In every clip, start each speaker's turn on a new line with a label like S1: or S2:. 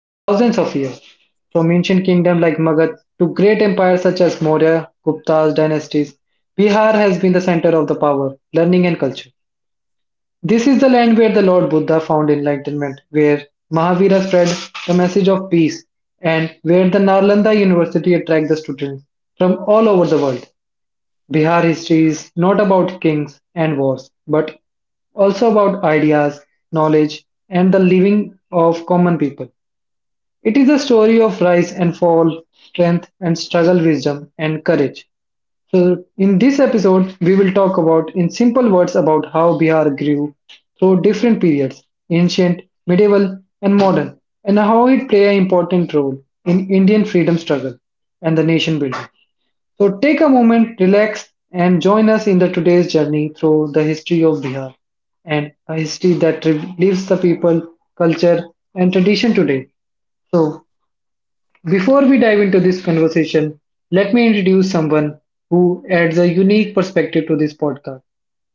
S1: for thousands of years. From ancient kingdoms like Magad to great empires such as Maurya, Gupta's dynasties, Bihar has been the center of the power, learning, and culture. This is the land where the Lord Buddha found enlightenment, where Mahavira spread the message of peace, and where the Nalanda University attracted the students from all over the world. Bihar history is not about kings and wars, but also about ideas, knowledge, and the living of common people. It is a story of rise and fall, strength and struggle, wisdom and courage. So, in this episode, we will talk about, in simple words, about how Bihar grew through different periods ancient, medieval, and modern, and how it played an important role in Indian freedom struggle and the nation building. So take a moment, relax, and join us in the today's journey through the history of Bihar and a history that relives the people, culture, and tradition today. So before we dive into this conversation, let me introduce someone who adds a unique perspective to this podcast.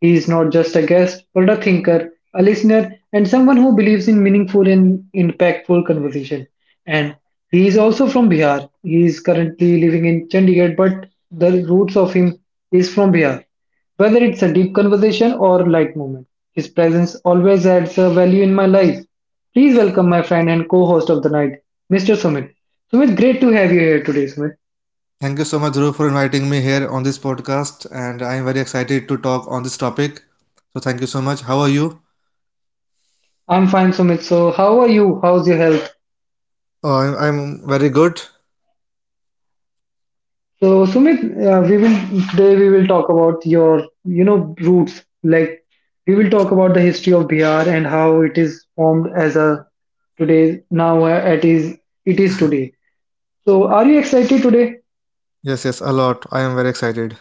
S1: He is not just a guest, but a thinker, a listener, and someone who believes in meaningful and impactful conversation. And he is also from Bihar. He is currently living in Chandigarh, but the roots of him is from Bihar. Whether it's a deep conversation or light moment, his presence always adds a value in my life. Please welcome my friend and co-host of the night, Mr. Sumit. Sumit, great to have you here today, Sumit.
S2: Thank you so much, Dhruv, for inviting me here on this podcast, and I am very excited to talk on this topic. So, thank you so much. How are you?
S1: I'm fine, Sumit. So, how are you? How's your health?
S2: Oh, I'm very good.
S1: So, Sumit, we will today we will talk about your, you know, roots. Like, we will talk about the history of Bihar and how it is formed as a today now it is today. So, are you excited today?
S2: Yes, yes, a lot. I am very excited.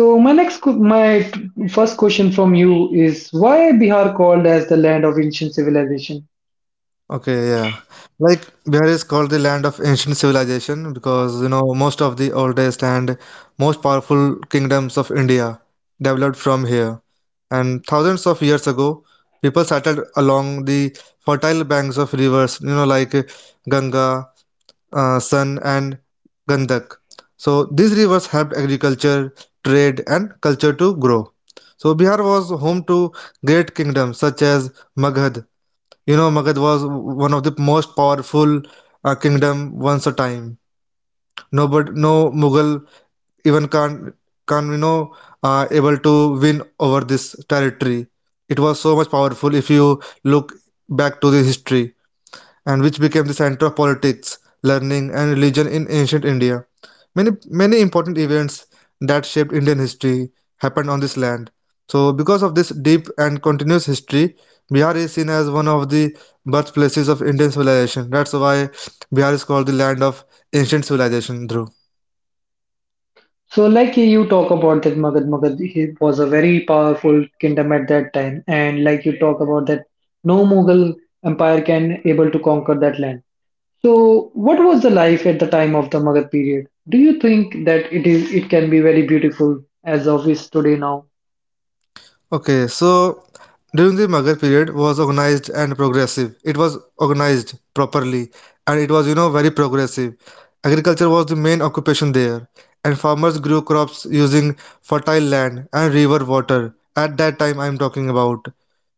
S1: So my next, que- my t- first question from you is why Bihar called as the land of ancient civilization?
S2: Okay, yeah. Like Bihar is called the land of ancient civilization because you know most of the oldest and most powerful kingdoms of India developed from here. And thousands of years ago, people settled along the fertile banks of rivers, you know, like Ganga, Sun, and Gandak. So these rivers helped agriculture, trade, and culture to grow. So Bihar was home to great kingdoms such as Maghad, you know, Magad was one of the most powerful kingdom once a time. No, but no Mughal even can you know able to win over this territory. It was so much powerful if you look back to the history and which became the center of politics, learning, and religion in ancient India. Many important events that shaped Indian history happened on this land. So, because of this deep and continuous history, Bihar is seen as one of the birthplaces of Indian civilization. That's why Bihar is called the land of ancient civilization, Dhruv.
S1: So like you talk about that Magad he was a very powerful kingdom at that time, and like you talk about that no Mughal empire can able to conquer that land. So what was the life at the time of the Magad period? Do you think that it is it can be very beautiful as of is today now?
S2: Okay, so during the Magar period was organized and progressive. It was organized properly and it was, you know, very progressive. Agriculture was the main occupation there, and farmers grew crops using fertile land and river water. At that time, I'm talking about,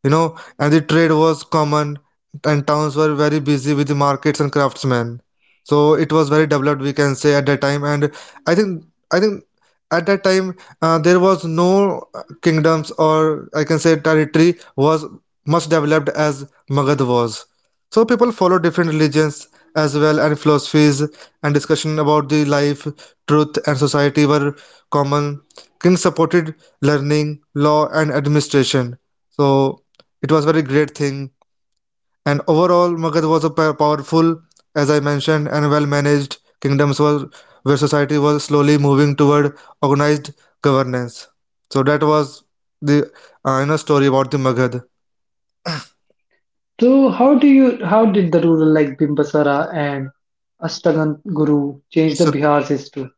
S2: you know, and the trade was common, and towns were very busy with the markets and craftsmen. So it was very developed, we can say, at that time. And I think, I think at that time, there was no kingdoms or I can say territory was much developed as Magad was. So people follow different religions as well and philosophies and discussion about the life, truth and society were common. King supported learning, law and administration. So it was very great thing and overall, Magad was a powerful, as I mentioned, and well-managed kingdoms were, where society was slowly moving toward organized governance. So that was the you know, story about the Magad.
S1: So how do you how did the rural like Bimbisara and Ashtagan Guru change the
S2: So-
S1: Bihar's history?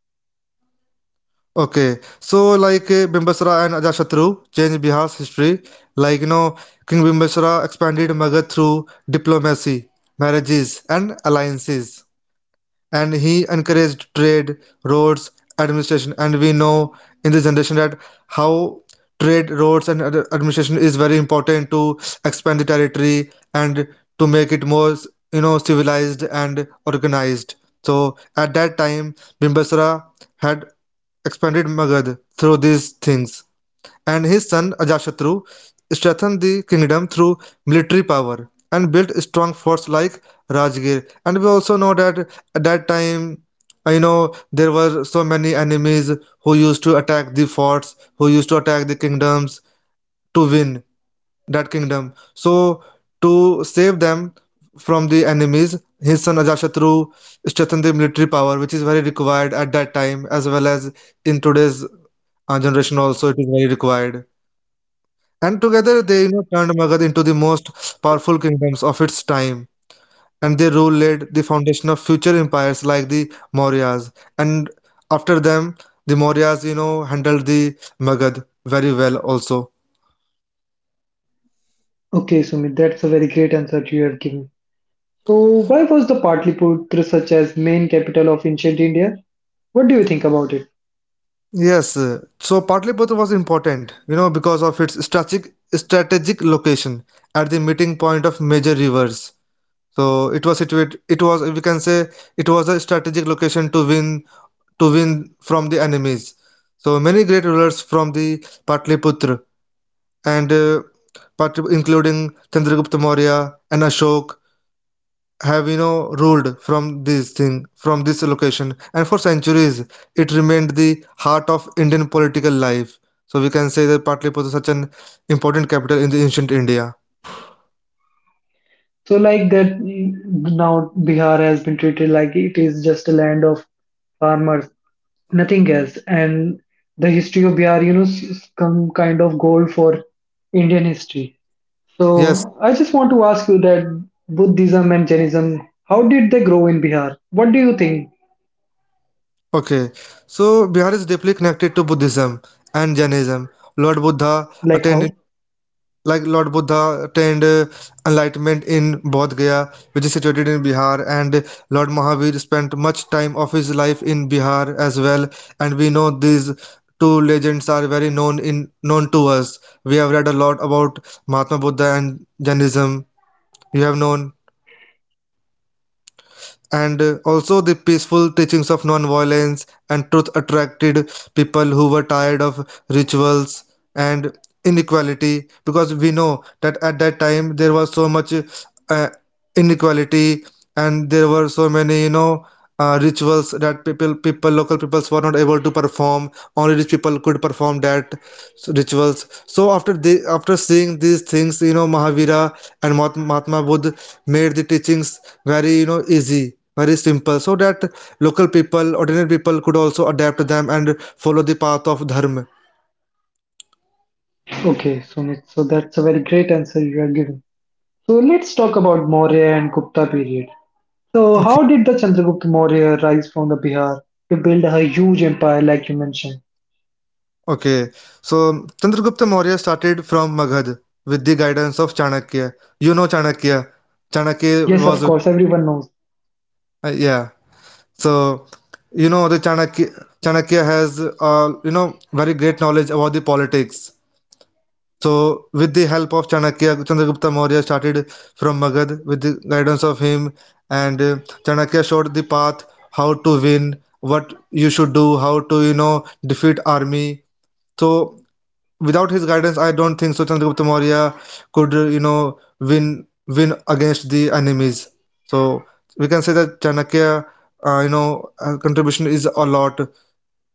S2: Okay, so like Bimbisara and Ajashatru changed Bihar's history. Like you know, King Bimbisara expanded Magad through diplomacy, marriages, and alliances. And he encouraged trade, roads, administration, and we know in this generation that how trade, roads, and administration is very important to expand the territory and to make it more you know civilized and organized. So at that time, Bimbisara had expanded Magad through these things and his son Ajashatru strengthened the kingdom through military power and built a strong forts like Rajgir. And we also know that at that time, I know there were so many enemies who used to attack the forts, who used to attack the kingdoms to win that kingdom. So to save them from the enemies, his son Ajashatru strengthened the military power, which is very required at that time as well as in today's generation also it is very required. And together they you know, turned Magad into the most powerful kingdoms of its time. And their rule laid the foundation of future empires like the Mauryas. And after them, the Mauryas, you know, handled the Magad very well also.
S1: Okay, Sumit, that's a very great answer you have given. So why was the Patliputra such as main capital of ancient India? What do you think about it?
S2: Yes, so Patliputra was important, you know, because of its strategic location at the meeting point of major rivers. So it was situated. It was we can say it was a strategic location to win from the enemies. So many great rulers from the Patliputra and including Chandragupta Maurya and Ashok have you know ruled from this thing from this location and for centuries it remained the heart of Indian political life. So we can say that Patliputra is such an important capital in the ancient India.
S1: So like that now Bihar has been treated like it is just a land of farmers, nothing else. And the history of Bihar, you know, some kind of goal for Indian history.
S2: Yes,
S1: So I just want to ask you that Buddhism and Jainism, how did they grow in Bihar? What do you think?
S2: okay. So Bihar is deeply connected to Buddhism and Jainism. Lord Buddha
S1: Like
S2: attained
S1: how?
S2: Lord Buddha attained enlightenment in Bodh Gaya, which is situated in Bihar, and Lord Mahavir spent much time of his life in Bihar as well. And we know these two legends are very known to us. We have read a lot about Mahatma Buddha and Jainism. You have known and also the peaceful teachings of non-violence and truth attracted people who were tired of rituals and inequality because we know that at that time there was so much uh, inequality and there were so many you know rituals that people local peoples were not able to perform only rich people could perform that rituals. So after the after seeing these things you know Mahavira and Mahatma Buddha made the teachings very you know easy very simple so that local people ordinary people could also adapt them and follow the path of dharma.
S1: Okay, Sumit. So that's a very great answer you are giving. So let's talk about Maurya and Gupta period. So
S2: Okay,
S1: how did the Chandragupta Maurya rise from the Bihar to build a huge empire like you mentioned?
S2: okay. So Chandragupta Maurya started from Magad with the guidance of Chanakya. You know Chanakya
S1: Yes, of
S2: was
S1: course, everyone knows.
S2: yeah so you know the Chanakya has you know very great knowledge about the politics. So, with the help of Chanakya, Chandragupta Maurya started from Magad with the guidance of him, and Chanakya showed the path how to win, what you should do, how to you know defeat army. So, without his guidance, I don't think so. Chandragupta Maurya could you know win against the enemies. So we can say that Chanakya, you know, contribution is a lot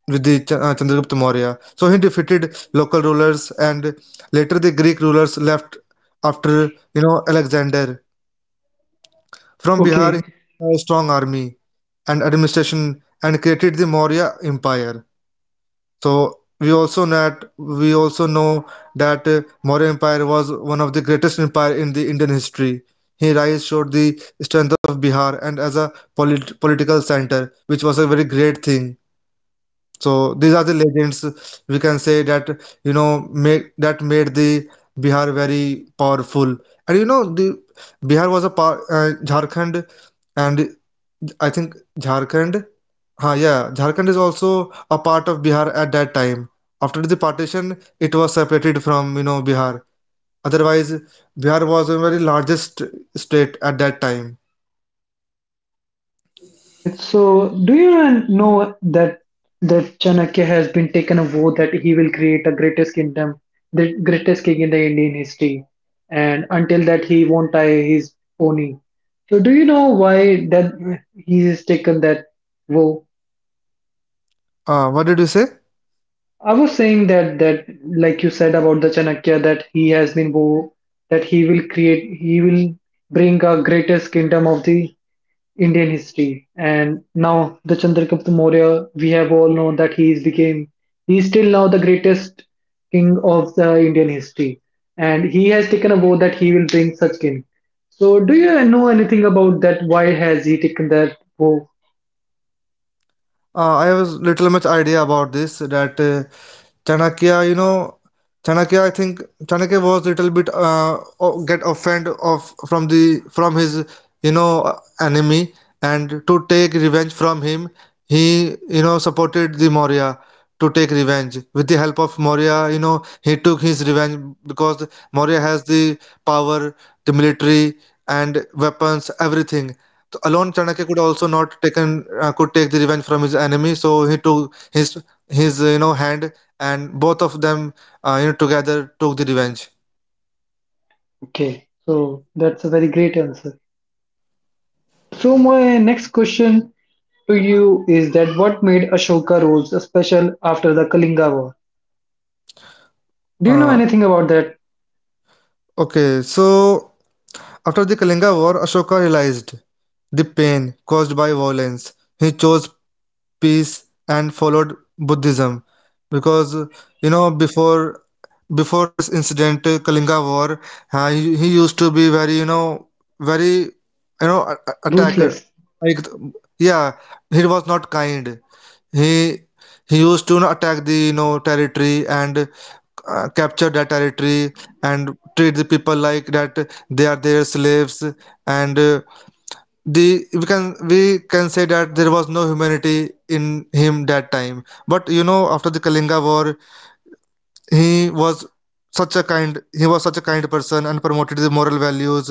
S2: with the Chandragupta Maurya. So he defeated local rulers and later the Greek rulers left after you know Alexander. From Bihar,
S1: Okay,
S2: he had a strong army and administration and created the Maurya Empire. So we also know that Maurya Empire was one of the greatest empire in the Indian history. His rise showed the strength of Bihar and as a political center, which was a very great thing. So these are the legends we can say that you know make that made the Bihar very powerful. And you know the Bihar was a power, Jharkhand, and I think Jharkhand, huh, yeah, Jharkhand is also a part of Bihar at that time. After the partition, it was separated from you know Bihar. Otherwise, Bihar was a very largest state at that time.
S1: okay, Sumit. So, do you know that that Chanakya has been taken a vow that he will create a greatest kingdom, the greatest king in the Indian history, and until that he won't tie his pony. So, do you know why that he has taken that vow?
S2: What did you say?
S1: I was saying that that like you said about the Chanakya that he has been vow that he will create, he will bring a greatest kingdom of the Indian history. And now the Chandragupta Maurya, we have all known that he is became he is still now the greatest king of the Indian history. And he has taken a vow that he will bring such king. So do you know anything about that? Why has he taken that vow?
S2: I have little much idea about this that Chanakya, you know, Chanakya, I think Chanakya was little bit get offended of from the from his you know enemy, and to take revenge from him, he you know supported the Maurya to take revenge. With the help of Maurya, you know, he took his revenge because Maurya has the power, the military, and weapons, everything. So alone, Chanakya could also not taken could take the revenge from his enemy, so he took his you know hand and both of them you know together took the revenge.
S1: Okay, so that's a very great answer. So my next question to you is that what made Ashoka rules special after the Kalinga War? Do you know
S2: Uh,
S1: anything about that?
S2: okay, so after the Kalinga War, Ashoka realized the pain caused by violence. He chose peace and followed Buddhism because you know before this incident, Kalinga War, he used to be very you know attacker,
S1: Ruthless.
S2: like yeah he was not kind. He he used to you attack the you know territory and capture that territory and treat the people like that they are their slaves and the we can say that there was no humanity in him that time. But you know after the Kalinga war he was he was such a kind person and promoted the moral values,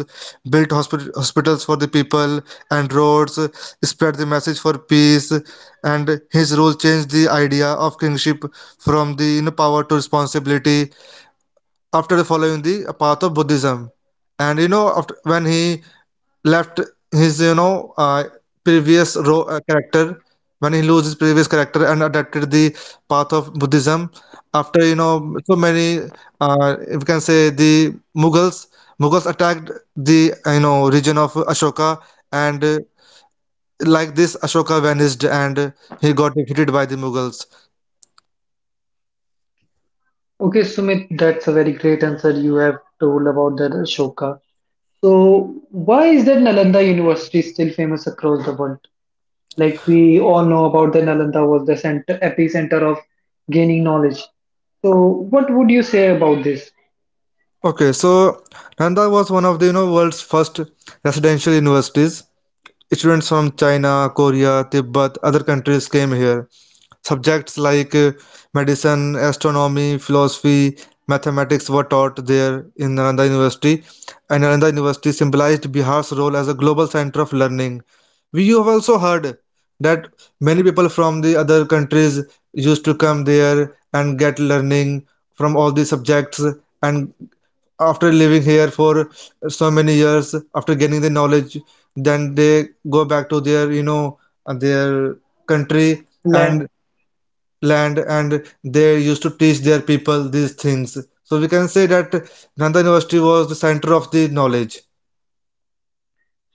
S2: built hospitals for the people and roads, spread the message for peace and his rule changed the idea of kingship from the you know, power to responsibility after following the path of Buddhism and you know after, when he left his you know character when he lose his previous character and adapted the path of Buddhism after you know so many we can say the Mughals attacked the you know region of Ashoka and like this Ashoka vanished and he got defeated by the Mughals.
S1: Okay, Sumit, that's a very great answer you have told about the Ashoka. So, why is that Nalanda University still famous across the world? Like we all know about the Nalanda was the center, epicenter of gaining knowledge. So, what would you say about this
S2: Okay, so Nanda was one of the you know world's first residential universities. Students from China, Korea, Tibet, other countries came here. Subjects like medicine, astronomy, philosophy, mathematics were taught there in Nalanda University, and Nalanda University symbolized Bihar's role as a global center of learning. We have also heard that many people from the other countries used to come there and get learning from all the subjects and after living here for so many years after gaining the knowledge then they go back to their you know their country
S1: land?
S2: and land and they used to teach their people these things. So we can say that Nanda University was the center of the knowledge.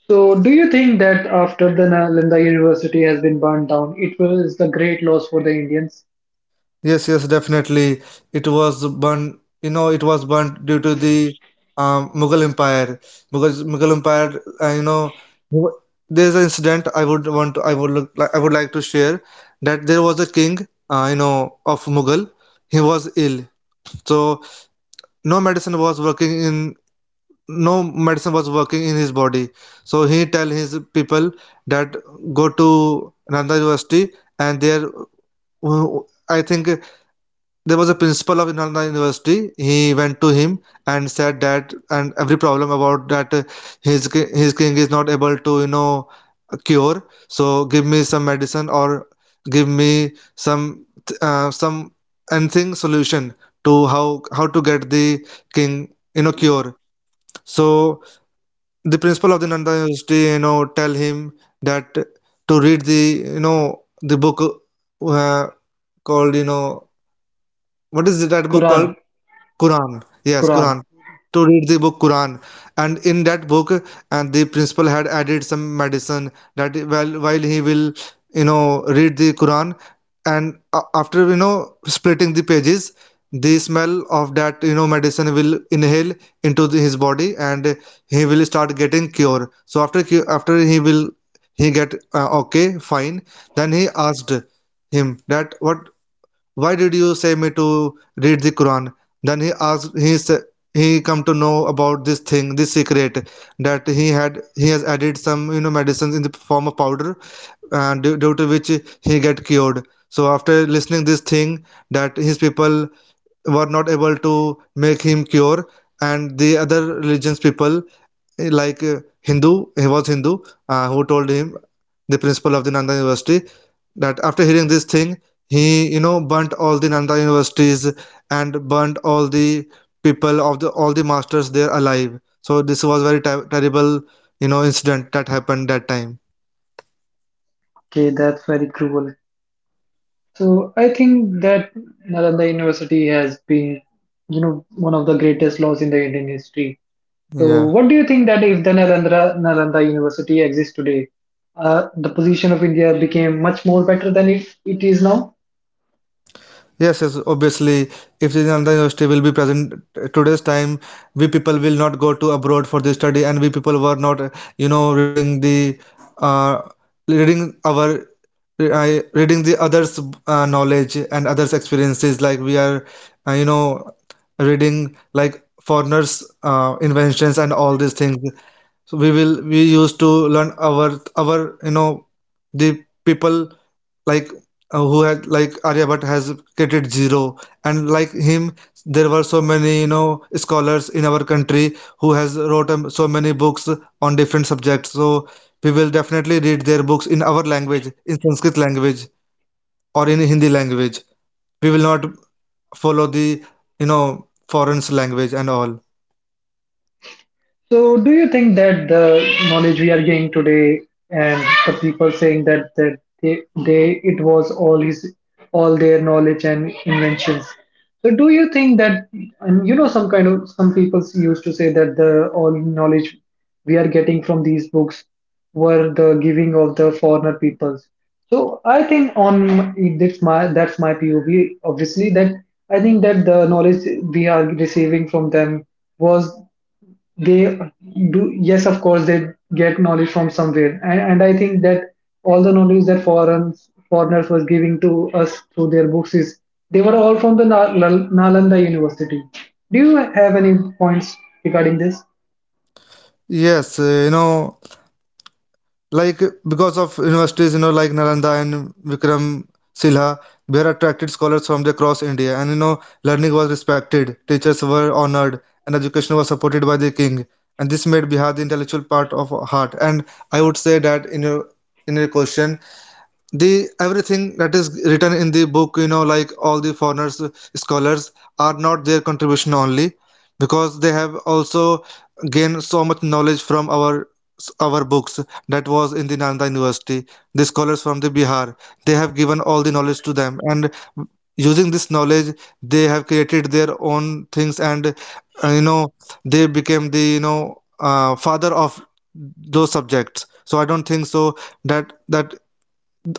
S1: So, do you think that after the Nalanda University has been burned down, it was the great loss for the Indians?
S2: Yes, yes, definitely. It was burnt, you know, it was burnt due to the Mughal Empire. Mughal Empire, Mugh- there's an incident I would want to, I would look, I would like to share that there was a king, of Mughal. He was ill, so no medicine was working in no medicine was working in his body, so he tell his people that go to Nanda University. And there uh, I think there was a principal of Nanda University. He went to him and said that and every problem about that, his his king is not able to, you know, cure, so give me some medicine or give me some, some anything solution to how to get the king, you know, cure. So the principal of the Nanda University, you know, tell him that to read the, you know, the book, uh, called, you know, what is that book
S1: Quran,
S2: called? Quran, yes,
S1: Quran.
S2: Quran, to read the book Quran. And in that book, and the principal had added some medicine that while he will, you know, read the Quran, and after, you know, splitting the pages, the smell of that, you know, medicine will inhale into the, his body, and he will start getting cure. So after he will he get okay, fine. Then he asked him that what why did you say me to read the Quran? Then he asked, he sa- he come to know about this thing, this secret, that he has added some, you know, medicines in the form of powder, and due to which he get cured. So after listening this thing that his people were not able to make him cure, and the other religions people, like Hindu, he was Hindu, who told him the principal of the Nanda University, that after hearing this thing, he, you know, burnt all the Nanda universities and burnt all the people of the all the masters there alive. So this was very terrible, you know, incident that happened that time.
S1: Okay, that's very cruel. So I think that Nalanda University has been, you know, one of the greatest laws in the Indian history. So
S2: Yeah,
S1: what do you think that if the Nalanda University exists today, the position of India became much more better than it is now?
S2: yes, yes, obviously, if the Nanda University will be present today's time, we people will not go to abroad for the study, and we people were not, you know, reading the, uh, reading our re- I reading the others', knowledge and others' experiences, like we are, uh, you know, reading like foreigners', inventions and all these things. So we used to learn our, you know, the people, like, who had, like Aryabhatta has created zero, and like him, there were so many, you know, scholars in our country who has wrote so many books on different subjects. So we will definitely read their books in our language, in Sanskrit language or in Hindi language. We will not follow the, you know, foreign language and all.
S1: So, do you think that the knowledge we are getting today and the people saying that they it was all his all their knowledge and inventions? So, do you think that and you know some kind of some people used to say that the all knowledge we are getting from these books were the giving of the foreigner peoples. So, I think on that's my POV. Obviously, that I think that the knowledge we are receiving from them was they do yes of course they get knowledge from somewhere and I think that all the knowledge that foreigners was giving to us through their books is they were all from the Nalanda University. Do you have any points regarding this?
S2: Yes, like, because of universities, you know, like Nalanda and Vikram Silha, we are attracted scholars from across India, and, you know, learning was respected, teachers were honored, and education was supported by the king. And this made Bihar the intellectual part of heart. And I would say that in your question, the everything that is written in the book, you know, like all the foreigners scholars, are not their contribution only, because they have also gained so much knowledge from our books that was in the Nanda University. The scholars from the Bihar, they have given all the knowledge to them, and using this knowledge they have created their own things, and, uh, you know they became the, you know, father of those subjects. So I don't think so that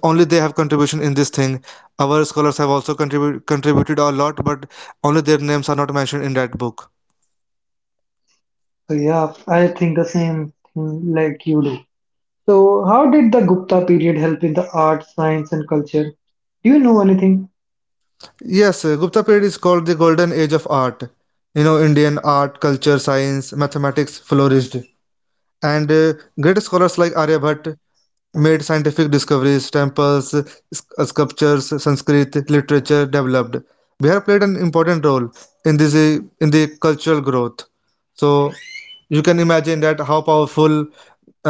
S2: only they have contribution in this thing. Our scholars have also contributed a lot, but only their names are not mentioned in that book.
S1: Yeah, I think the same thing like you do. So how did the Gupta period help in the art, science, and culture? Do you know anything?
S2: Yes, Gupta period is called the golden age of art. You know, Indian art, culture, science, mathematics flourished, and great scholars like Aryabhatta made scientific discoveries, temples, sculptures, Sanskrit literature developed. Bihar played an important role in this, in the cultural growth. So you can imagine that how powerful,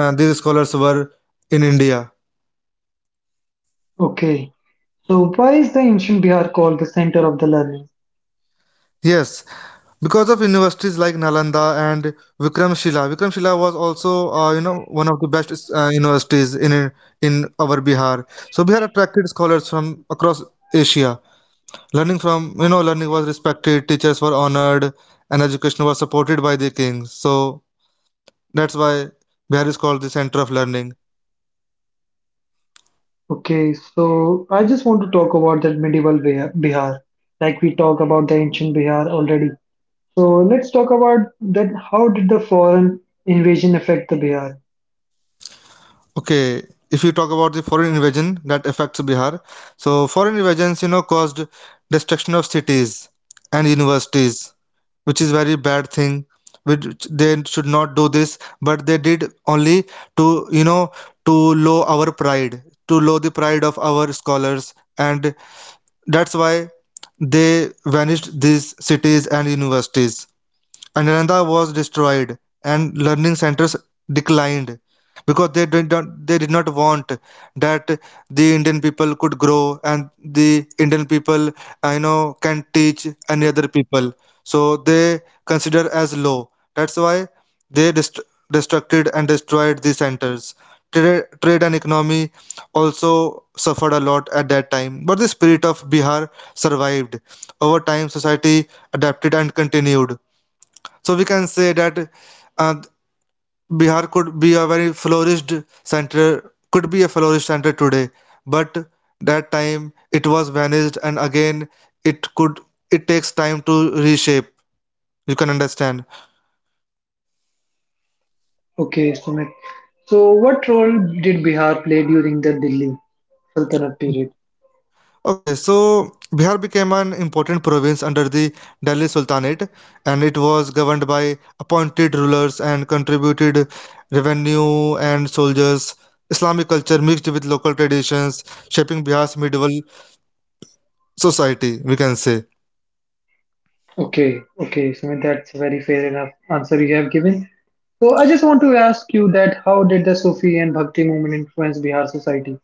S2: these scholars were in India.
S1: Okay, so why is the ancient Bihar called the center of the learning?
S2: Yes, because of universities like Nalanda and Vikramshila. Vikramshila was also, one of the best, universities in our Bihar. So Bihar attracted scholars from across Asia. You know, learning was respected, teachers were honored, and education was supported by the king. So that's why Bihar is called the center of learning.
S1: Okay, so I just want to talk about that medieval Bihar, like we talk about the ancient Bihar already. So let's talk about that. How did the foreign invasion affect the Bihar?
S2: Okay, if you talk about the foreign invasion that affects Bihar, so foreign invasions, you know, caused destruction of cities and universities, which is very bad thing. Which they should not do this, but they did only to, you know, to low our pride, to low the pride of our scholars, and that's why they vanished these cities and universities. Ananda was destroyed and learning centers declined, because they did not want that the Indian people could grow, and the Indian people, I know, can teach any other people. So they consider as low, that's why they dest- destructed and destroyed the centers. Trade, trade and economy also suffered a lot at that time, but the spirit of Bihar survived. Over time society adapted and continued. So we can say that, uh, Bihar could be a very flourished center, could be a flourished center today, but that time it was vanished, and again it could it takes time to reshape. You can understand.
S1: Okay, Sumit. So what role did Bihar play during the Delhi Sultanate period?
S2: Okay, so Bihar became an important province under the Delhi Sultanate, and it was governed by appointed rulers and contributed revenue and soldiers. Islamic culture mixed with local traditions, shaping Bihar's medieval society, we can say.
S1: Okay, okay, Sumit, that's a very fair enough answer you have given. So I just want to ask you that how did the Sufi and Bhakti movement influence Bihar society?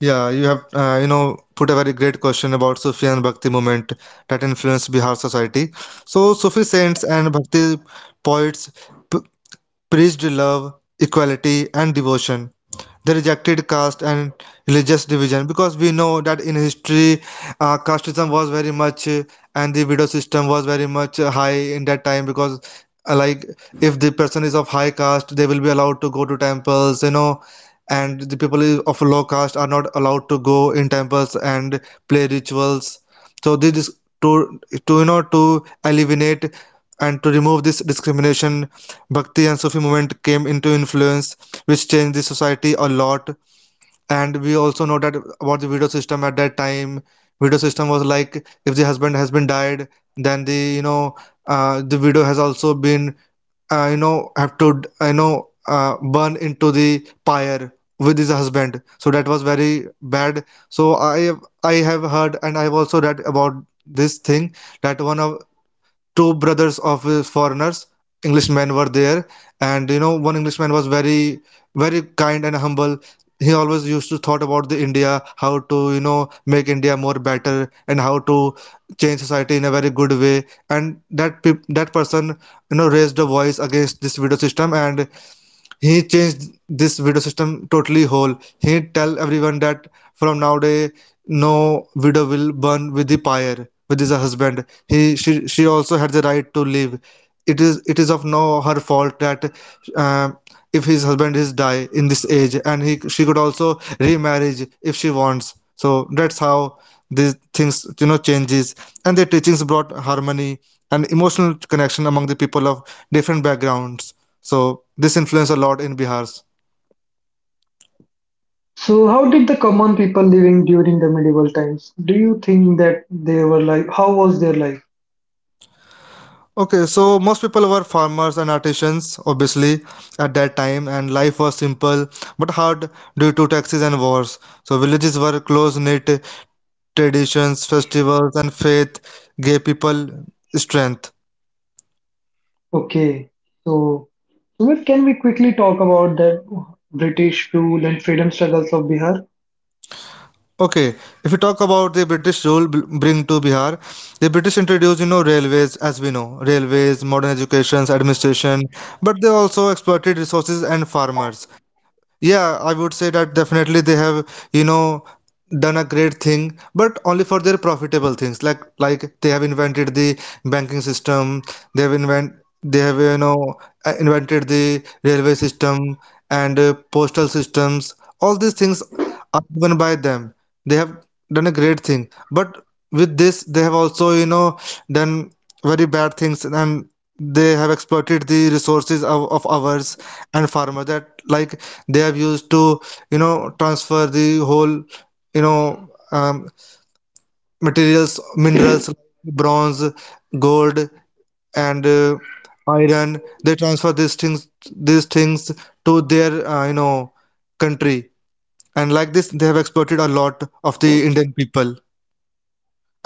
S2: Yeah, you have, put a very great question about Sufi and Bhakti movement that influenced Bihar society. So Sufi saints and Bhakti poets, p- preached love, equality, and devotion. They rejected caste and religious division, because we know that in history, casteism was very much, and the widow system was very much, high in that time, because, like, if the person is of high caste, they will be allowed to go to temples, you know, and the people of low caste are not allowed to go in temples and play rituals. So this is to you know, to eliminate and to remove this discrimination, Bhakti and Sufi movement came into influence, which changed the society a lot. And we also know that about the widow system at that time. Widow system was like, if the husband has been died, then the, you know, the widow has also been, have to, burn into the pyre with his husband. So that was very bad. So I have heard and I have also read about this thing, that one of two brothers of, foreigners, englishmen were there, and, you know, one englishman was very very kind and humble. He always used to thought about the India, how to, you know, make India more better, and how to change society in a very good way. And that person, you know, raised a voice against this video system, and he changed this video system totally whole. He tell everyone that from nowadays no widow will burn with the pyre with his husband. He she also had the right to live. It is it is of no her fault that, uh, if his husband is die in this age, and he she could also remarriage if she wants. So that's how these things, you know, changes, and their teachings brought harmony and emotional connection among the people of different backgrounds. So this influenced a lot in Bihar's.
S1: So, how did the common people living during the medieval times? Do you think that they were like, how was their life?
S2: Okay, so most people were farmers and artisans, obviously, at that time, and life was simple but hard due to taxes and wars. So villages were close-knit, traditions, festivals, and faith gave people strength.
S1: Okay, so Sumit, can we quickly talk about that British rule and freedom struggles of Bihar?
S2: Okay, if we talk about the British rule bring to Bihar, the British introduced, you know, railways, as we know, railways, modern educations, administration, but they also exploited resources and farmers. Yeah, I would say that definitely they have, you know, done a great thing, but only for their profitable things. Like they have invented the banking system, they have invent they have, you know, invented the railway system, and postal systems. All these things are given by them. They have done a great thing, but with this they have also, done very bad things, and they have exploited the resources of ours and farmer that, like, they have used to transfer the whole you know um, materials, minerals like bronze, gold, and iron. They transfer these things to their country. And like this, they have exploited a lot of the Indian people,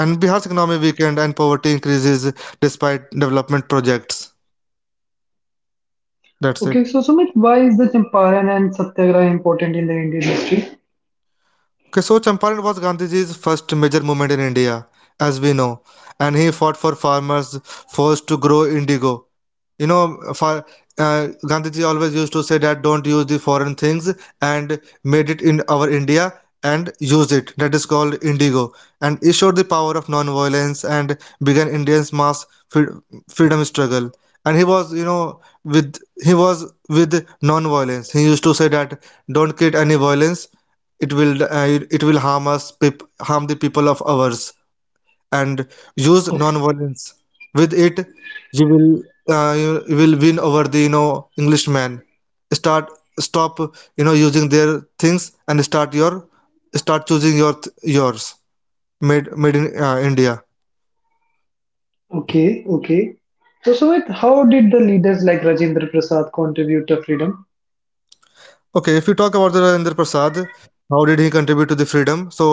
S2: and Bihar's economy weakened and poverty increases despite development projects. That's it.
S1: Okay, so Sumit, why is the Champaran and Satyagraha important in the Indian history?
S2: Okay, so Champaran was Gandhiji's first major movement in India, as we know, and he fought for farmers forced to grow indigo. You know, for Gandhiji always used to say that don't use the foreign things and made it in our India and use it. That is called indigo, and he showed the power of non-violence and began Indians' mass freedom struggle. And he was with non-violence. He used to say that don't create any violence, it will uh, it will harm harm the people of ours and use
S1: Okay,
S2: non-violence with it. You will you will win over the, englishman. Start, stop, using their things and start yours, made in India.
S1: okay, okay. So Sumit, how did the leaders like Rajendra Prasad contribute to freedom?
S2: Okay, if you talk about the Rajendra Prasad, how did he contribute to the freedom? So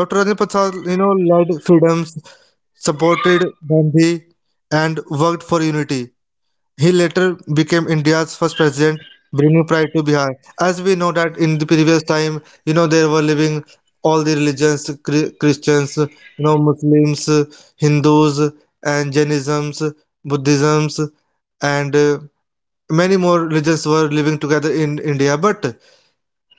S2: Dr. Rajendra Prasad, you know, loved freedoms, supported Gandhi, and worked for unity. He later became India's first president, bringing pride to Bihar. As we know that in the previous time, you know, there were living all the religions, Christians, you know, Muslims, Hindus, and Jainisms, Buddhisms, and many more religions were living together in India. But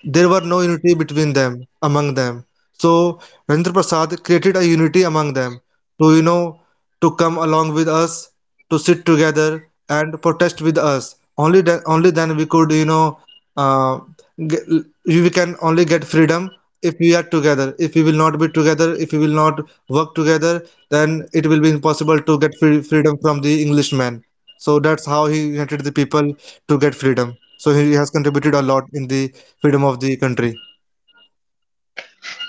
S2: there were no unity between them among them, so Rendra Prasad created a unity among them to, to come along with us, to sit together, and protest with us. Only then we could, uh, get, we can only get freedom if we are together. If we will not be together, if we will not work together, then it will be impossible to get freedom from the englishman. So that's how he united the people to get freedom, so he has contributed a lot in the freedom of the country.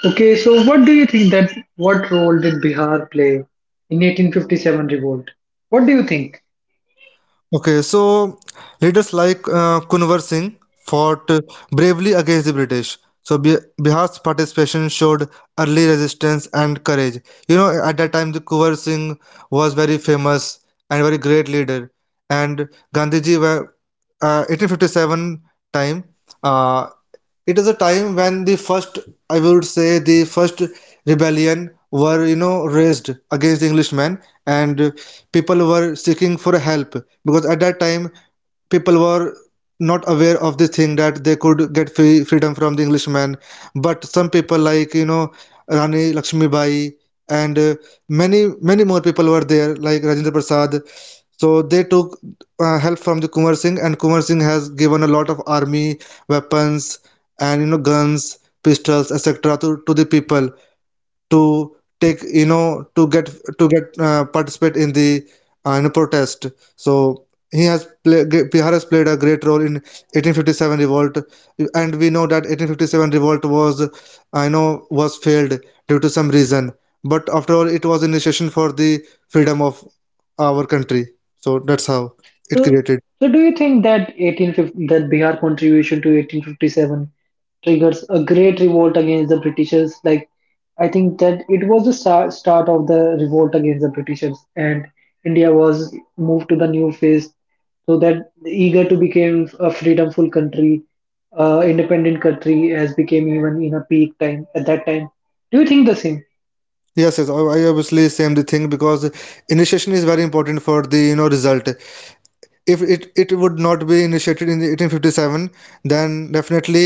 S1: Okay, so what do you think that what role did Bihar play in 1857 revolt? What do you think?
S2: Okay, so leaders like Kunwar Singh fought bravely against the British. So Bihar's participation showed early resistance and courage. You know, at that time, the Kunwar Singh was very famous and very great leader. And Gandhiji were, 1857 time, uh, it is a time when the first, I would say, the first rebellion were, you know, raised against the Englishmen, and people were seeking for help, because at that time people were not aware of this thing that they could get freedom from the Englishman. But some people like, you know, Rani Lakshmibai and many more people were there like Rajendra Prasad. So they took help from the Kumar Singh, and Kumar Singh has given a lot of army, weapons, and, you know, guns, pistols, etc. to the people, to take, you know, to get participate in the, in a protest. So he has played Bihar has played a great role in 1857 revolt. And we know that 1857 revolt was, I know, was failed due to some reason, but after all it was initiation for the freedom of our country. So that's how it
S1: So,
S2: created.
S1: so do you think that 1850, that Bihar contribution to 1857 triggers a great revolt against the Britishers? Like, I think that it was the start of the revolt against the Britishers, and India was moved to the new phase, so that eager to become a freedomful country, independent country, as became even in a peak time at that time. Do you think the same?
S2: Yes, yes, I obviously same the thing, because initiation is very important for the, you know, result. If it would not be initiated in the 1857, then definitely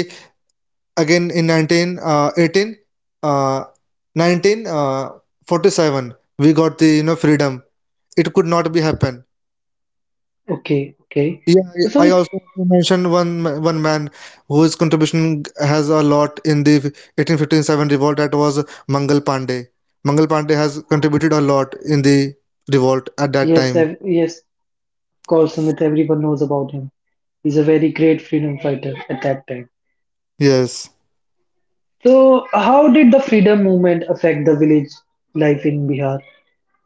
S2: again in 19 uh, 18 uh, 19 47, we got the, you know, freedom. It could not be happen.
S1: Okay, okay.
S2: Yeah,
S1: So,
S2: I
S1: Samik,
S2: also want to mention one man whose contribution has a lot in the 1857 revolt. That was mangal pandey Mangal Pandey has contributed a lot in the revolt at that time.
S1: yes. Kaul Smith, everyone knows about him. He's a very great freedom fighter at that time.
S2: Yes.
S1: So, how did the freedom movement affect the village life in Bihar?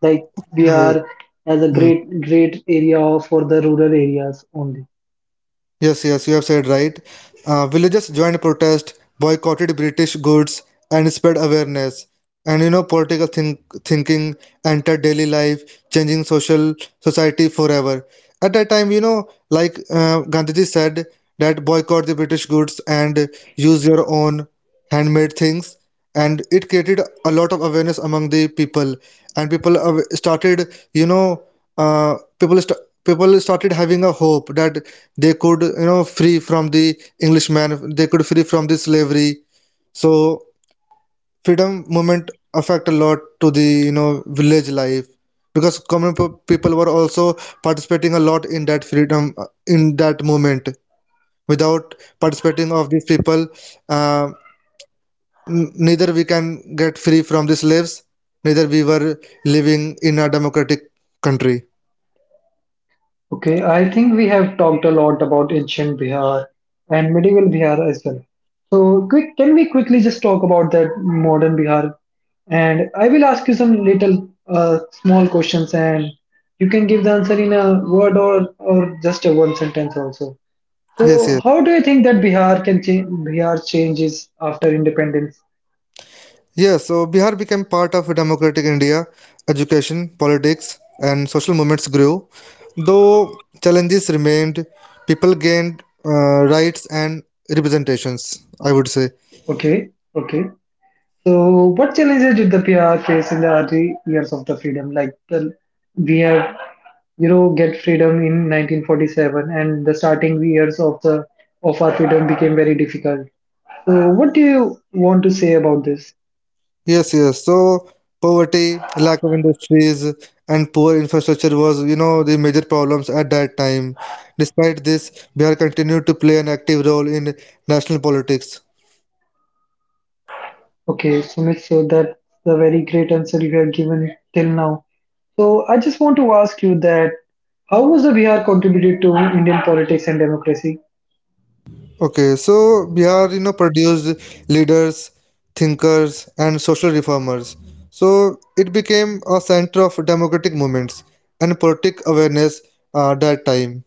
S1: Like
S2: Yeah.
S1: Bihar has a
S2: Hmm.
S1: great, great area for the rural areas only.
S2: Yes, yes, you have said right. Villages joined protest, boycotted British goods, and spread awareness. And, you know, political thinking entered daily life, changing social society forever. At that time, you know, like Gandhiji said that boycott the British goods and use your own handmade things. And it created a lot of awareness among the people, and people started, you know, uh, people st- people started having a hope that they could, you know, free from the englishman. They could free from the slavery. So freedom movement affect a lot to the, you know, village life, because common people were also participating a lot in that freedom, in that movement. Without participating of these people, uh, neither we can get free from the slaves, neither we were living in a democratic country.
S1: Okay, I think we have talked a lot about ancient Bihar and medieval Bihar as well. So, quick, can we quickly just talk about that modern Bihar? And I will ask you some little small questions, and you can give the answer in a word or just a one sentence also.
S2: Yes,
S1: So,
S2: yes.
S1: how do you think that Bihar can change? Bihar changes after independence.
S2: Yeah, so Bihar became part of democratic India. Education, politics, and social movements grew. Though challenges remained, people gained, rights and representations, I would say.
S1: Okay, okay. So, what challenges did the Bihar face in the early years of the freedom? Like the we have Europe get freedom in 1947, and the starting years of the of our freedom became very difficult. So, what do you want to say about this?
S2: Yes, yes. So poverty, lack of industries, and poor infrastructure was, you know, the major problems at that time. Despite this, Bihar continued to play an active role in national politics.
S1: Okay, Sumit, so that's the very great answer you have given till now. So, I just want to ask you that how was the Bihar contributed to Indian politics and democracy?
S2: Okay, so Bihar, you know, produced leaders, thinkers, and social reformers. So it became a center of democratic movements and politic awareness, that time.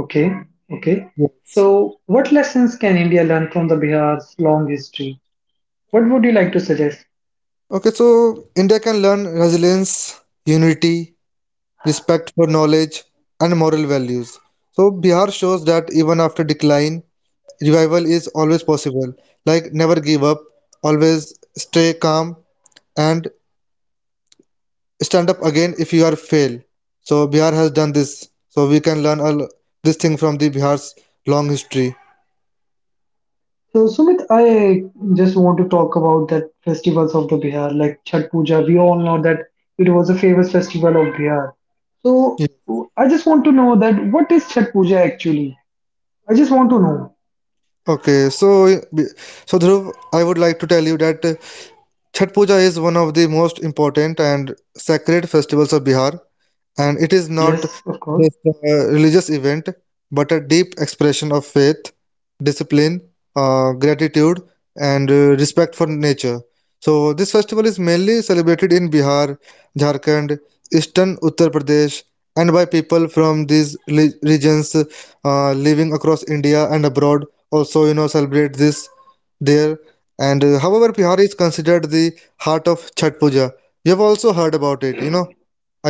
S1: Okay, okay.
S2: Yes.
S1: So, what lessons can India learn from the Bihar's long history? What would you like to suggest?
S2: Okay, so India can learn resilience, unity, respect for knowledge, and moral values. So Bihar shows that even after decline, revival is always possible. Like never give up, always stay calm, and stand up again if you are fail. So Bihar has done this. So we can learn all this thing from the Bihar's long history.
S1: So, Sumit, I just want to talk about that festivals of the Bihar, like Chhat Puja. We all know that it was a famous festival of Bihar. So,
S2: Yeah.
S1: I just want to know that what is Chhat Puja actually? I just want to know.
S2: Okay, Dhruv, I would like to tell you that Chhat Puja is one of the most important and sacred festivals of Bihar. And it is not
S1: Yes, of course.
S2: just a religious event, but a deep expression of faith, discipline, gratitude, and respect for nature. So this festival is mainly celebrated in Bihar, Jharkhand, eastern Uttar Pradesh, and by people from these regions, living across India and abroad, also, you know, celebrate this there. And however, Bihar is considered the heart of Chhat Puja. You have also heard about it, you know,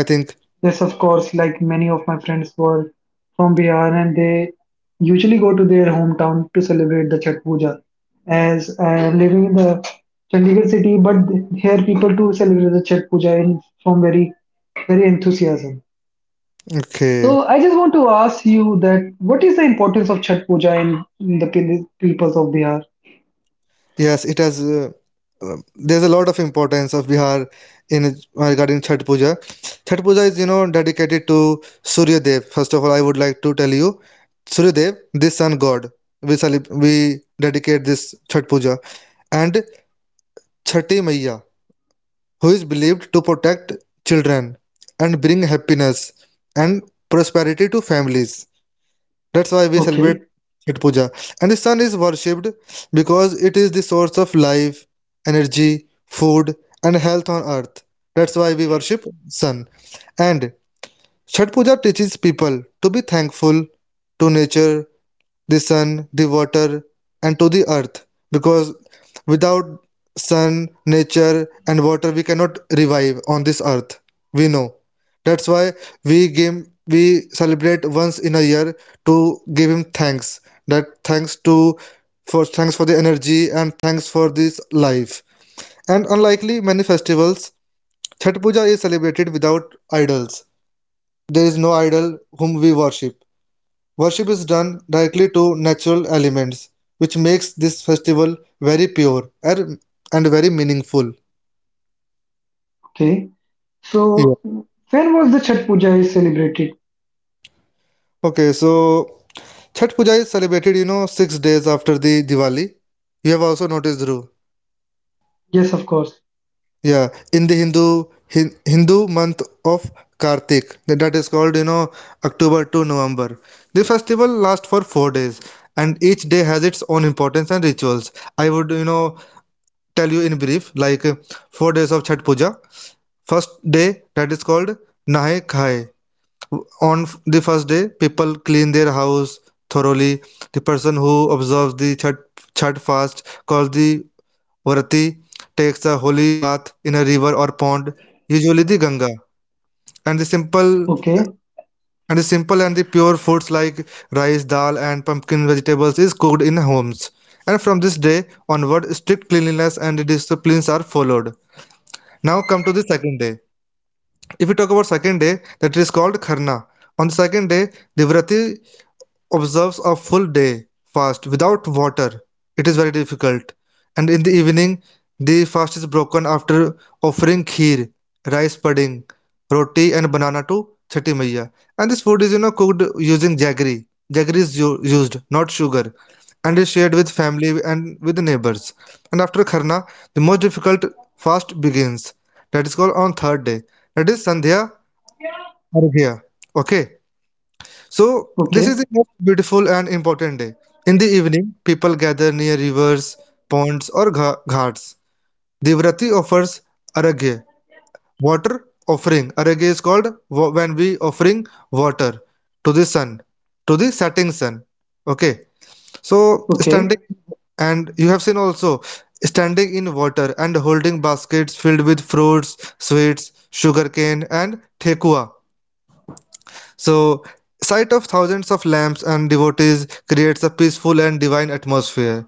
S2: I think.
S1: Yes, of course. Like many of my friends were from Bihar, and they usually go to their hometown to celebrate the Chhat Puja. As I am living in the Chandigarh city, but here people do celebrate the Chhat Puja in from very very enthusiasm.
S2: Okay.
S1: So I just want to ask you that what is the importance of Chhat Puja in the peoples of Bihar?
S2: Yes, it has. There's a lot of importance of Bihar in, regarding Chhath Puja. Chhath Puja is, you know, dedicated to Surya Dev. First of all, I would like to tell you, Surya Dev, the sun god. We dedicate this Chhath Puja and Chhati Maiya, who is believed to protect children and bring happiness and prosperity to families. That's why we celebrate
S1: Okay,
S2: Chhat Puja. And the sun is worshipped because it is the source of life, energy, food, and health on earth. That's why we worship sun. And Chhat Puja teaches people to be thankful to nature, the sun, the water, and to the earth. Because without sun, nature, and water, we cannot revive on this earth. We know. That's why we celebrate once in a year to give him thanks. That thanks to for thanks for the energy, and thanks for this life. And unlikely many festivals, Chhath Puja is celebrated without idols. There is no idol whom we worship. Worship is done directly to natural elements, which makes this festival very pure and very meaningful.
S1: okay.
S2: Yeah.
S1: So when was the Chhat Puja is celebrated?
S2: Okay, so Chhat Puja is celebrated, you know, 6 days after the Diwali. You have also noticed, Dhruv.
S1: Yes, of course.
S2: Yeah, in the Hindu Hindu month of Kartik, that is called, you know, October to November. The festival lasts for 4 days, and each day has its own importance and rituals. I would, you know, tell you in brief, like 4 days of Chhat Puja. First day, that is called Nahe Khaye. On the first day, people clean their house thoroughly. The person who observes the Chhat fast, called the Varati, takes a holy bath in a river or pond, usually the Ganga. And the simple
S1: Okay,
S2: and the pure foods like rice, dal, and pumpkin vegetables is cooked in homes. And from this day onward, strict cleanliness and disciplines are followed. Now come to the second day. If we talk about second day, that is called Kharna. On the second day, the Vrati observes a full day fast without water. It is very difficult. And in the evening, the fast is broken after offering kheer, rice pudding, roti, and banana to Chhati Maiya. And this food is, you know, cooked using jaggery. Jaggery is used, not sugar, and is shared with family and with neighbors. And after Kharna, the most difficult fast begins. That is called on third day. That is Sandhya Arghya. Okay, so this
S1: okay,
S2: is the most beautiful and important day. In the evening, people gather near rivers, ponds, or ghats. Devrati offers Aragya, water offering. Aragya is called when we offering water to the sun, to the setting sun. Okay, so
S1: okay,
S2: standing, and you have seen also, standing in water and holding baskets filled with fruits, sweets, sugarcane, and thekua. So, sight of thousands of lamps and devotees creates a peaceful and divine atmosphere.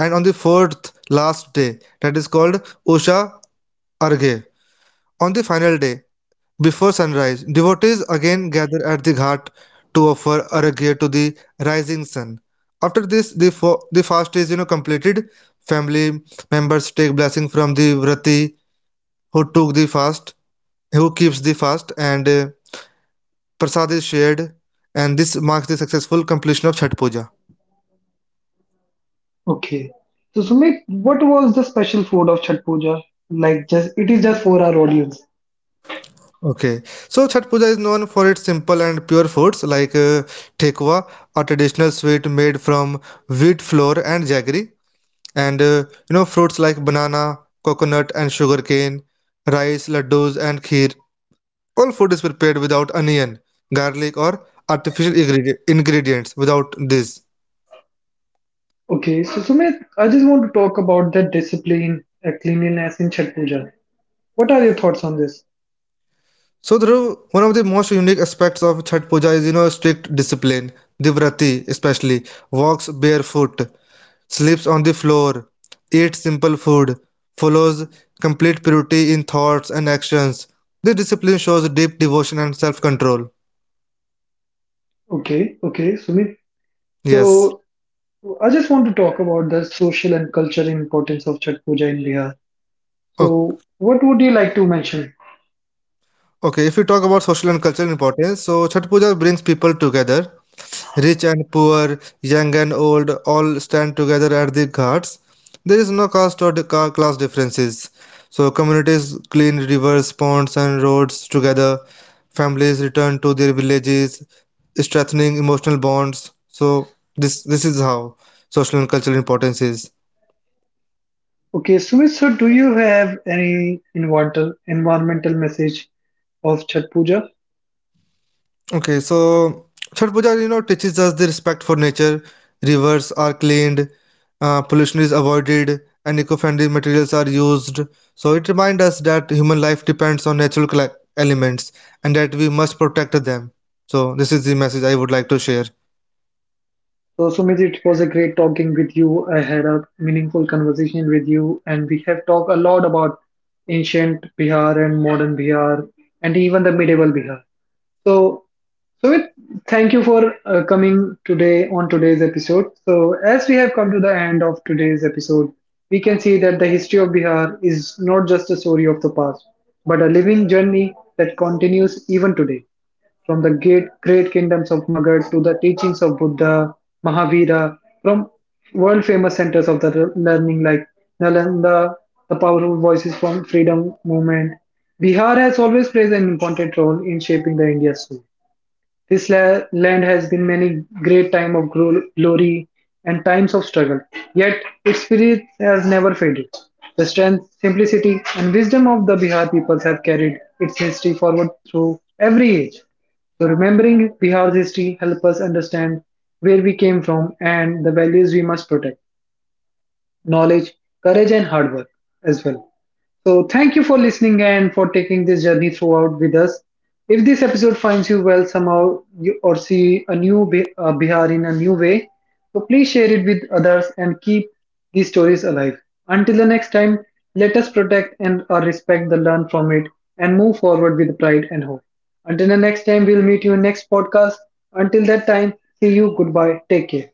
S2: And on the fourth last day, that is called Usha Arghe. On the final day, before sunrise, devotees again gather at the ghat to offer Arghe to the rising sun. After this, the fast is, you know, completed. Family members take blessing from the vrati who took the fast, who keeps the fast, and, prasad is shared, and this marks the successful completion of Chhath Puja.
S1: okay. So Sumit, what was the special food of Chhat Puja? Like just it is just for our audience.
S2: Okay, so Chhath Puja is known for its simple and pure foods like, Thekwa, a traditional sweet made from wheat flour and jaggery, and, you know, fruits like banana, coconut, and sugarcane, rice, laddus, and kheer. All food is prepared without onion, garlic, or ingredients. Without this,
S1: Okay, so Sumit, I just want to talk about the discipline, cleanliness in Chhat Puja. What are your thoughts on this?
S2: so Dhruv, one of the most unique aspects of Chhat Puja is, you know, strict discipline. Divrati especially walks barefoot, sleeps on the floor, eats simple food, follows complete purity in thoughts and actions. This discipline shows deep devotion and self-control.
S1: Okay, okay, Sumit.
S2: Yes.
S1: So so, I just want to talk about the social and cultural importance of Chhat Puja in Bihar. So,
S2: O-
S1: what would you like to mention?
S2: Okay, if we talk about social and cultural importance, so Chhat Puja brings people together. Rich and poor, young and old, all stand together at the ghats. There is no caste or class differences. So communities clean rivers, ponds, and roads together. Families return to their villages, strengthening emotional bonds. So this is how social and cultural importance is.
S1: Okay, Sumit, so do you have any environmental message of Chhat Puja?
S2: Okay, so Chhath Puja, you know, teaches us the respect for nature. Rivers are cleaned, pollution is avoided, and eco-friendly materials are used. So it reminds us that human life depends on natural elements, and that we must protect them. So this is the message I would like to share.
S1: So, Sumit, it was a great talking with you. I had a meaningful conversation with you, and we have talked a lot about ancient Bihar and modern Bihar, and even the medieval Bihar. So, Sumit, thank you for coming today on today's episode. So, as we have come to the end of today's episode, we can see that the history of Bihar is not just a story of the past, but a living journey that continues even today. From the great, great kingdoms of Magad to the teachings of Buddha, Mahavira, from world famous centers of the learning like Nalanda, the powerful voices from freedom movement, Bihar has always played an important role in shaping the India's soul. This land has been many great times of glory and times of struggle, yet its spirit has never faded. The strength, simplicity, and wisdom of the Bihar peoples have carried its history forward through every age. So, remembering Bihar's history helps us understand where we came from and the values we must protect knowledge, courage, and hard work as well. So, thank you for listening and for taking this journey throughout with us. If this episode finds you well somehow you, or see a new Bihar in a new way, so please share it with others and keep these stories alive. Until the next time, let us protect and or respect the learn from it and move forward with pride and hope. Until the next time, we'll meet you in next podcast. Until that time, see you. Goodbye. Take care.